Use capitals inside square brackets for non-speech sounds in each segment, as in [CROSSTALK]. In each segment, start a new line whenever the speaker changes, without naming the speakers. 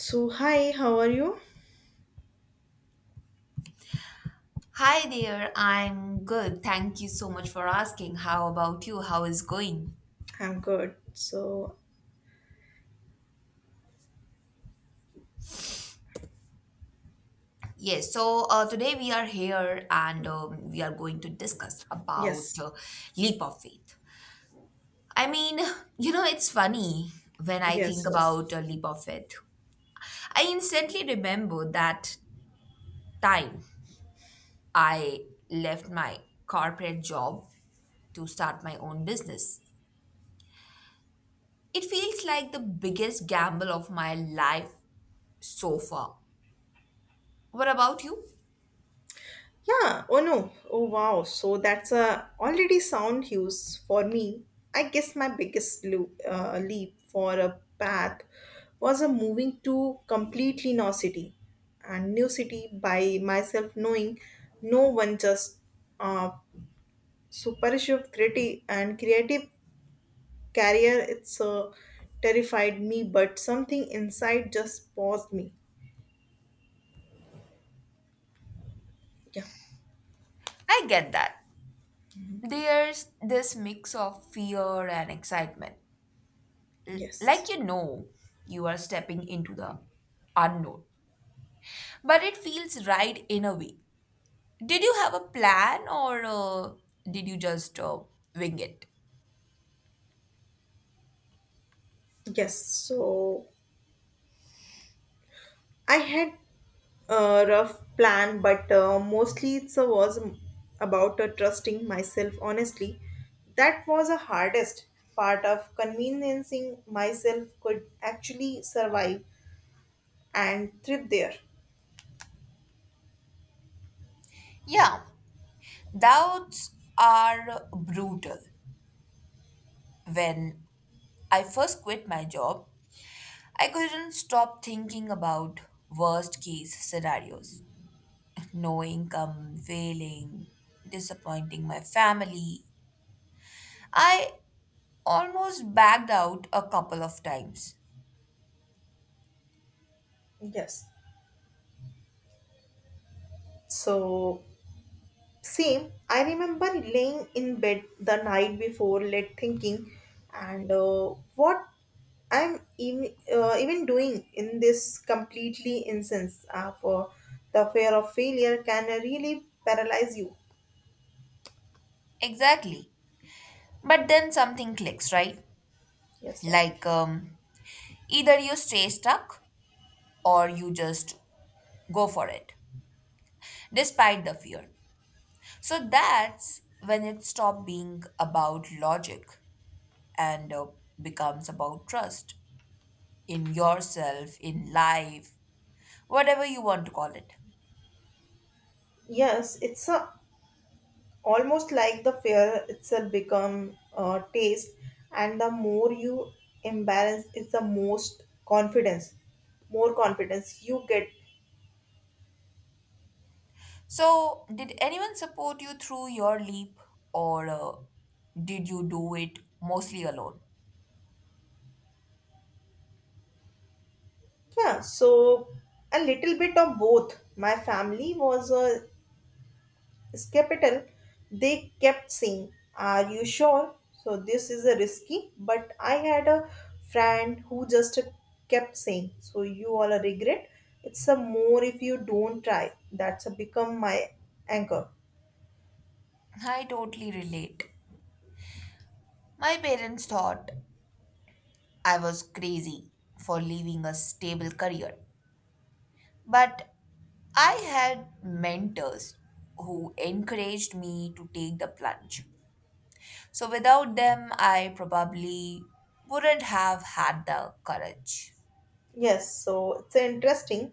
So, hi, how are you?
Hi there, I'm good. Thank you so much for asking. How about you? How is going?
I'm good. So,
Yes, today we are here and we are going to discuss about
yes,
leap of faith. I mean, [LAUGHS] you know, it's funny when I
yes,
think
yes.
about a leap of faith. I instantly remember that time I left my corporate job to start my own business. It feels like the biggest gamble of my life so far. What about you?
Yeah, oh no, oh wow. So, that's a already sound hues for me. I guess my biggest leap for a path was a moving to completely no city and new city by myself, knowing no one just uh, supershift creative and creative career. It's terrified me, but something inside just paused me. Yeah.
I get that. There's this mix of fear and excitement. Like
Yes.
you know, you are stepping into the unknown. But it feels right in a way. Did you have a plan or did you just wing it?
Yes. So I had a rough plan, but mostly it was about trusting myself. Honestly, that was the hardest part of convincing myself could actually survive and thrive there.
Yeah, doubts are brutal. When I first quit my job, I couldn't stop thinking about worst case scenarios. No income, failing, disappointing my family. I almost backed out a couple of times.
Yes. So same, I remember laying in bed the night before, late thinking, and what I'm even doing in this completely instance of for the fear of failure can really paralyze you.
Exactly. But then something clicks, right?
Yes, right.
Like um, Either you stay stuck or you just go for it, despite the fear. So that's when it stopped being about logic and becomes about trust in yourself, in life, whatever you want to call it.
Yes, it's a, almost like the fear itself become a taste, and the more you embarrass, it's more confidence you get.
So, did anyone support you through your leap, or did you do it mostly alone?
Yeah, so a little bit of both. My family was skeptical. They kept saying, are you sure? So this is a risky. But I had a friend who just kept saying, so you all a regret. It's a more if you don't try. That's a become my anchor.
I totally relate. My parents thought I was crazy for leaving a stable career, but I had mentors who encouraged me to take the plunge. So, without them, I probably wouldn't have had the courage.
Yes, so it's interesting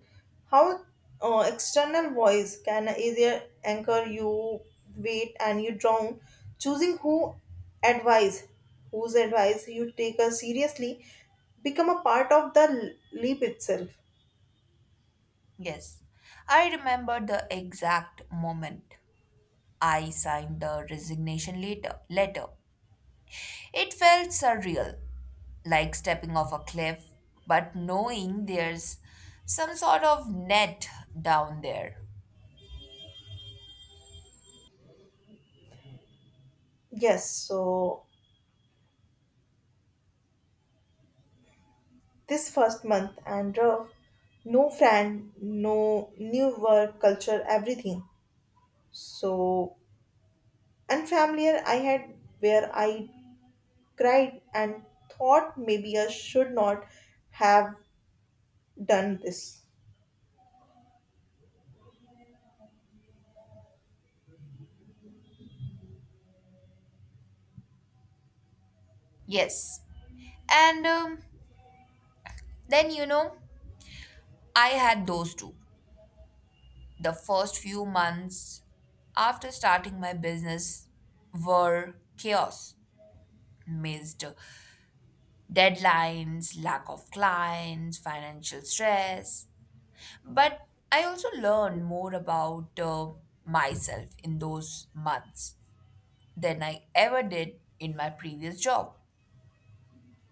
how external voice can either anchor you, wait, and you drown. Choosing advise, whose advice you take seriously, become a part of the leap itself.
Yes, I remember the exact moment I signed the resignation later, letter. It felt surreal, like stepping off a cliff, but knowing there's some sort of net down there.
Yes, so this first month and rough, no friend, no new work, culture, everything. So unfamiliar I had where I cried and thought maybe I should not have done this.
Yes. And Then, you know, I had those two. The first few months after starting my business were chaos. Missed deadlines, lack of clients, financial stress. But I also learned more about myself in those months than I ever did in my previous job.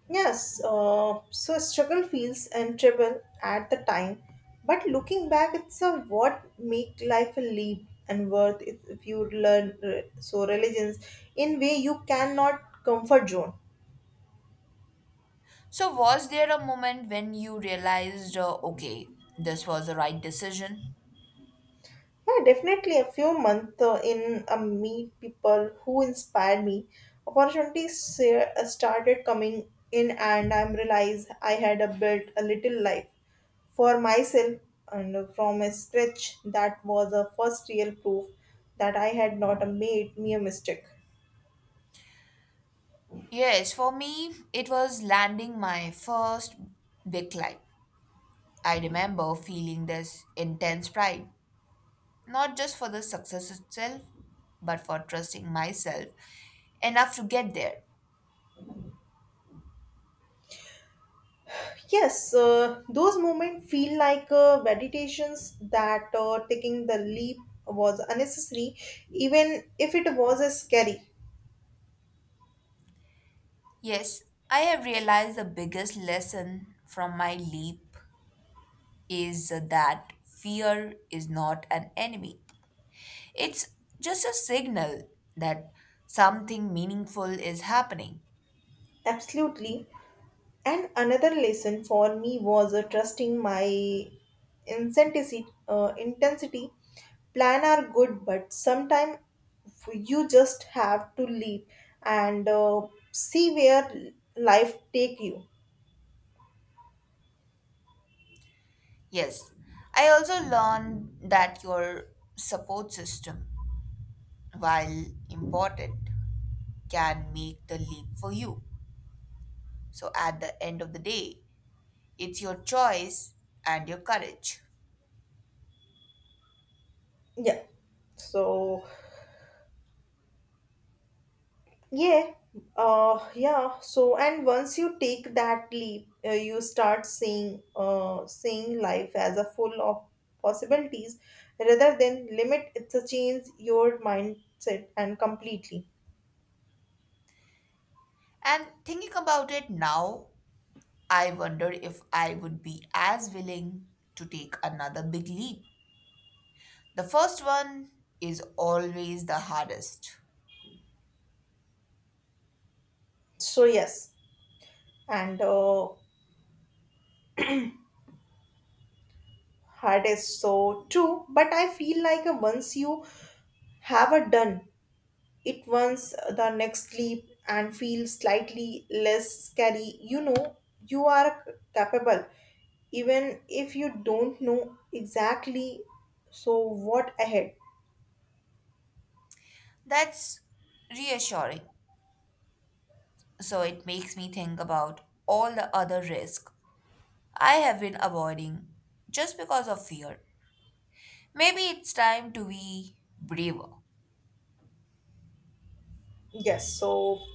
Yes, so struggle feels unbearable at the time, but looking back, it's a what make life a leap and worth it if you learn so religions in way you cannot comfort zone.
So, was there a moment when you realized, okay, this was the right decision?
Yeah, definitely. A few months in, meet people who inspired me. Opportunities started coming in, and I realized I had a built a little life for myself and from a scratch. That was a first real proof that I had not made me a mistake.
Yes, for me, it was landing my first big climb. I remember feeling this intense pride, not just for the success itself, but for trusting myself enough to get there.
Yes, those moments feel like meditations that taking the leap was unnecessary, even if it was scary.
Yes, I have realized the biggest lesson from my leap is that fear is not an enemy. It's just a signal that something meaningful is happening.
Absolutely. And another lesson for me was trusting my intensity. Plan are good, but sometimes you just have to leave and see where life take you.
Yes, I also learned that your support system, while important, can make the leap for you. So at the end of the day, it's your choice and your courage.
Yeah. So yeah, yeah. So, and once you take that leap, you start seeing life as a full of possibilities rather than limit. It's a change your mindset and completely.
And thinking about it now, I wondered if I would be as willing to take another big leap. The first one is always the hardest.
So yes, and hard is so true. But I feel like once you have a done it, once the next leap and feel slightly less scary, you know you are capable even if you don't know exactly so what ahead.
That's reassuring. So it makes me think about all the other risks I have been avoiding just because of fear. Maybe it's time to be braver.
Yes, so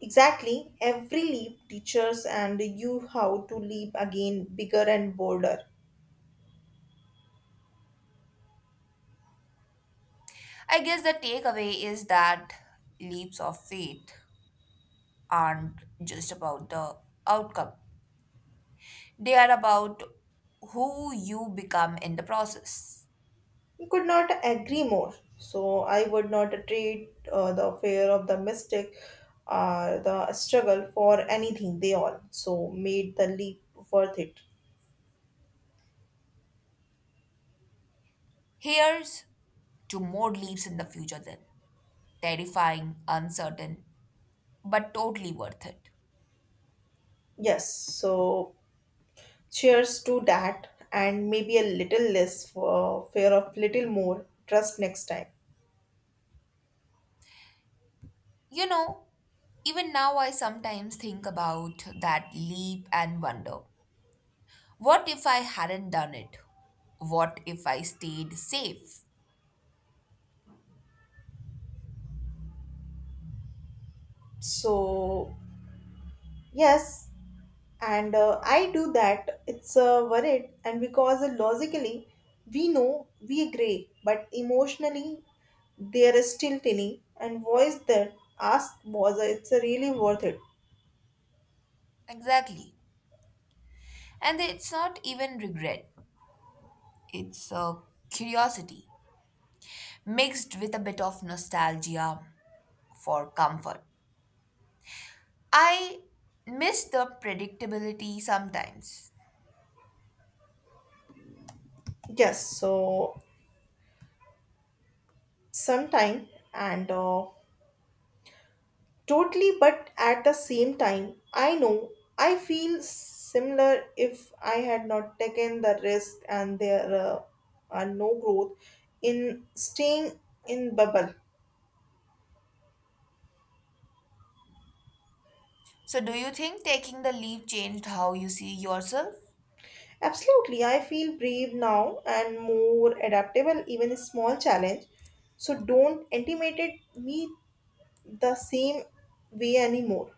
exactly every leap teaches and you how to leap again bigger and bolder.
I guess the takeaway is that leaps of faith aren't just about the outcome, they are about who you become in the process.
We could not agree more. So I would not trade the fear of the mistake or the struggle for anything. They all so made the leap worth it.
Here's to more leaps in the future, then. Terrifying, uncertain, but totally worth it.
Yes. So cheers to that, and maybe a little less for fear of little more trust next time.
You know, even now I sometimes think about that leap and wonder, what if I hadn't done it? What if I stayed safe?
So yes, and I do that, it's worried and because logically we know we agree but emotionally there is still tiny and voice that asks, was it's really worth it.
Exactly. And it's not even regret, it's curiosity mixed with a bit of nostalgia for comfort. I miss the predictability sometimes.
Yes, so sometime and totally, but at the same time I know I feel similar if I had not taken the risk, and there are no growth in staying in bubble.
So, do you think taking the leap changed how you see yourself?
Absolutely, I feel brave now and more adaptable, even a small challenge. So don't intimidate me the same way anymore.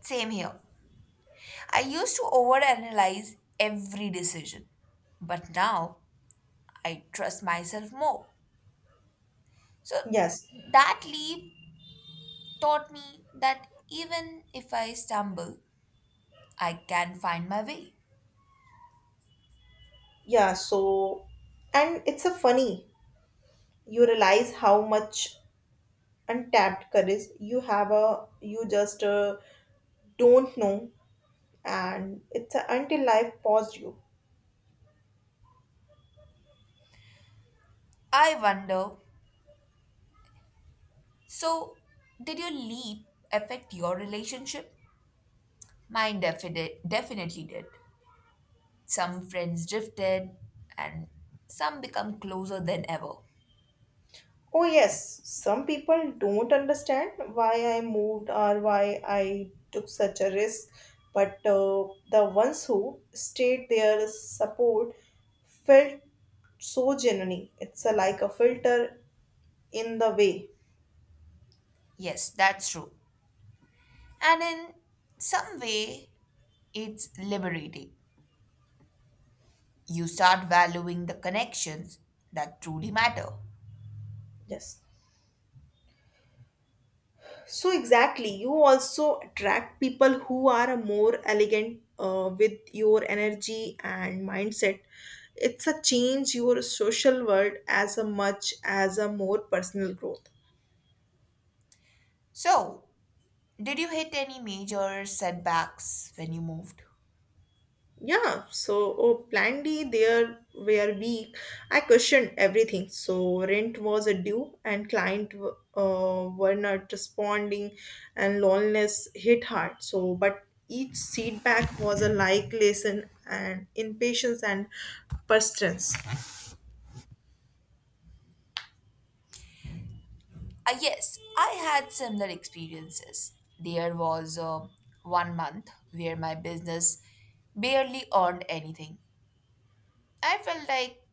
Same here. I used to overanalyze every decision, but now I trust myself more. So,
Yes,
that leap taught me that even if I stumble, I can find my way.
yeah, so and it's a funny you realize how much untapped courage you have a you just don't know, and it's a, until life paused you.
I wonder so, did your leap affect your relationship? Mine definitely did. Some friends drifted and some become closer than ever.
Oh, yes, some people don't understand why I moved or why I took such a risk, but the ones who stayed there, support felt so genuine. It's a, like a filter in the way.
Yes, that's true. And in some way, it's liberating. You start valuing the connections that truly matter.
Yes. So, exactly, you also attract people who are a more elegant with your energy and mindset. It's a change your social world as a much as a more personal growth.
So, did you hit any major setbacks when you moved?
Yeah, so oh, plan D there were weak. I questioned everything. So rent was a due, and client were not responding, and loneliness hit hard. So, but each feedback was a like lesson, and impatience and persistence.
Yes, I had similar experiences. There was one month where my business barely earned anything. I felt like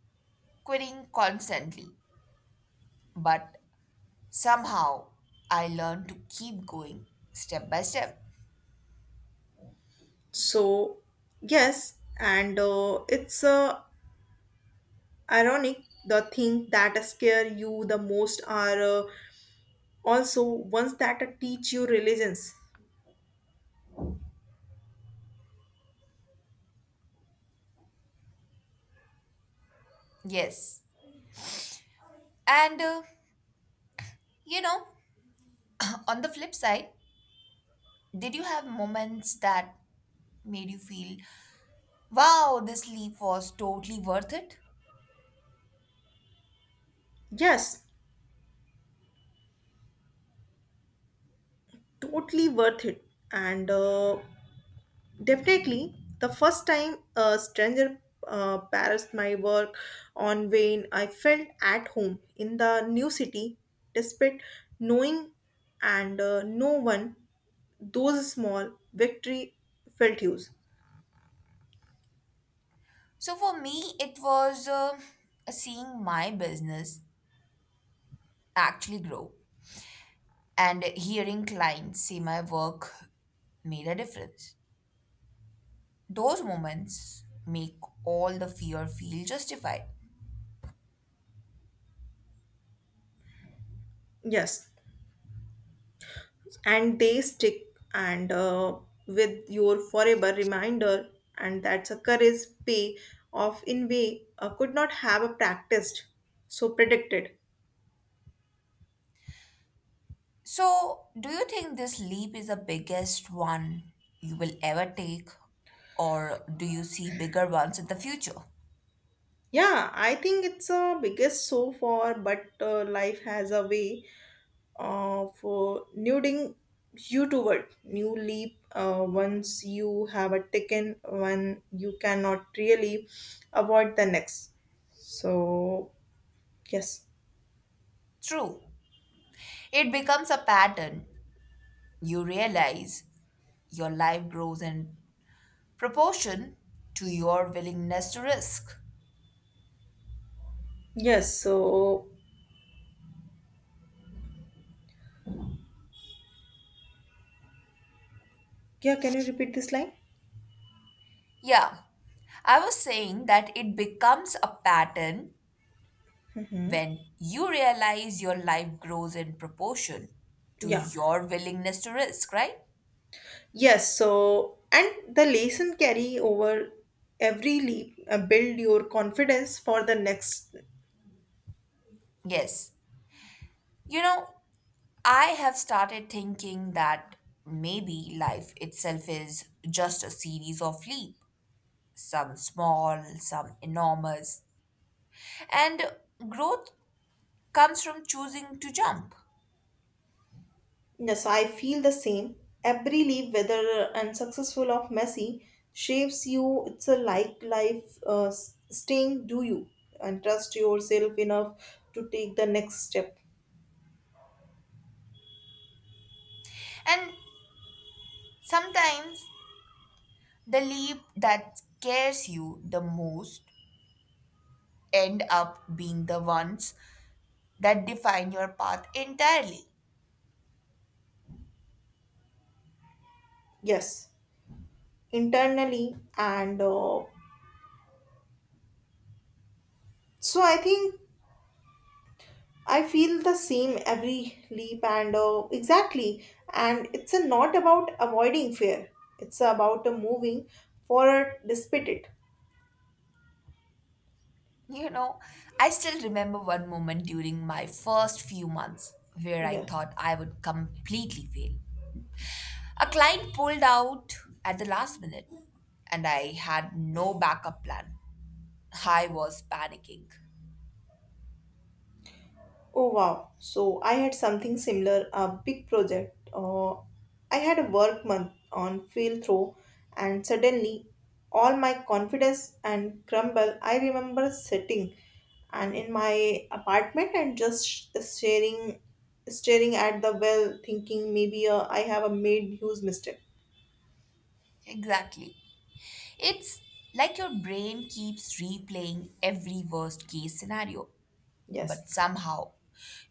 quitting constantly, but somehow, I learned to keep going step by step.
So yes, and it's ironic the thing that scare you the most are also ones that teach you resilience.
Yes. And, you know, on the flip side, did you have moments that made you feel, wow, this leap was totally worth it?
Yes, totally worth it and definitely the first time a stranger harassed my work on vain, I felt at home in the new city despite knowing and no one. Those small victory felt huge.
So for me, it was seeing my business actually grow and hearing clients see my work made a difference. Those moments make all the fear feel justified.
Yes, and they stick and with your forever reminder, and that's a courage pay off in way could not have a practiced so predicted.
So, do you think this leap is the biggest one you will ever take, or do you see bigger ones in the future?
Yeah, I think it's a biggest so far, but life has a way of nuding you toward new leap once you have a taken one you cannot really avoid the next. So yes,
True, it becomes a pattern. You realize your life grows in proportion to your willingness to risk.
yes. So yeah, can you repeat this line?
Yeah, I was saying that it becomes a pattern
Hmm.
when you realize your life grows in proportion to
Yeah.
your willingness to risk, right?
Yes. So, and the lesson carry over every leap, build your confidence for the next.
Yes. You know, I have started thinking that maybe life itself is just a series of leaps, some small, some enormous, and growth comes from choosing to jump.
Yes, I feel the same. Every leap, whether unsuccessful or messy, shapes you. It's a like life s- staying. Do you and trust yourself enough to take the next step?
And sometimes the leap that scares you the most end up being the ones that define your path entirely.
Yes, internally and so I think I feel the same every leap and exactly. And it's a not about avoiding fear. It's about a moving forward despite it.
You know, I still remember one moment during my first few months where I
Yeah.
thought I would completely fail. A client pulled out at the last minute, and I had no backup plan. I was panicking.
Oh wow. So I had something similar, a big project. I had a work month on field throw and suddenly all my confidence and crumble. I remember sitting and in my apartment and just staring at the well thinking maybe I have a made huge mistake.
Exactly. It's like your brain keeps replaying every worst case scenario,
Yes.
but somehow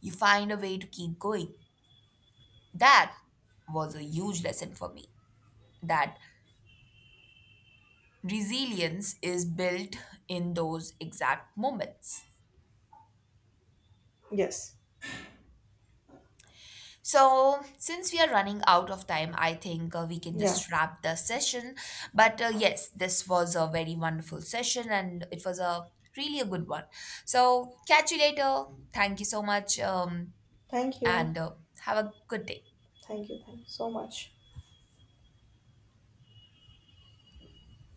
you find a way to keep going. That was a huge lesson for me that resilience is built in those exact moments.
Yes.
So, since we are running out of time, I think we can
Yeah.
just wrap the session. But yes, this was a very wonderful session and it was a really a good one. So, catch you later. Thank you so much
Thank you.
and have a good day.
Thank you. Thank you so much.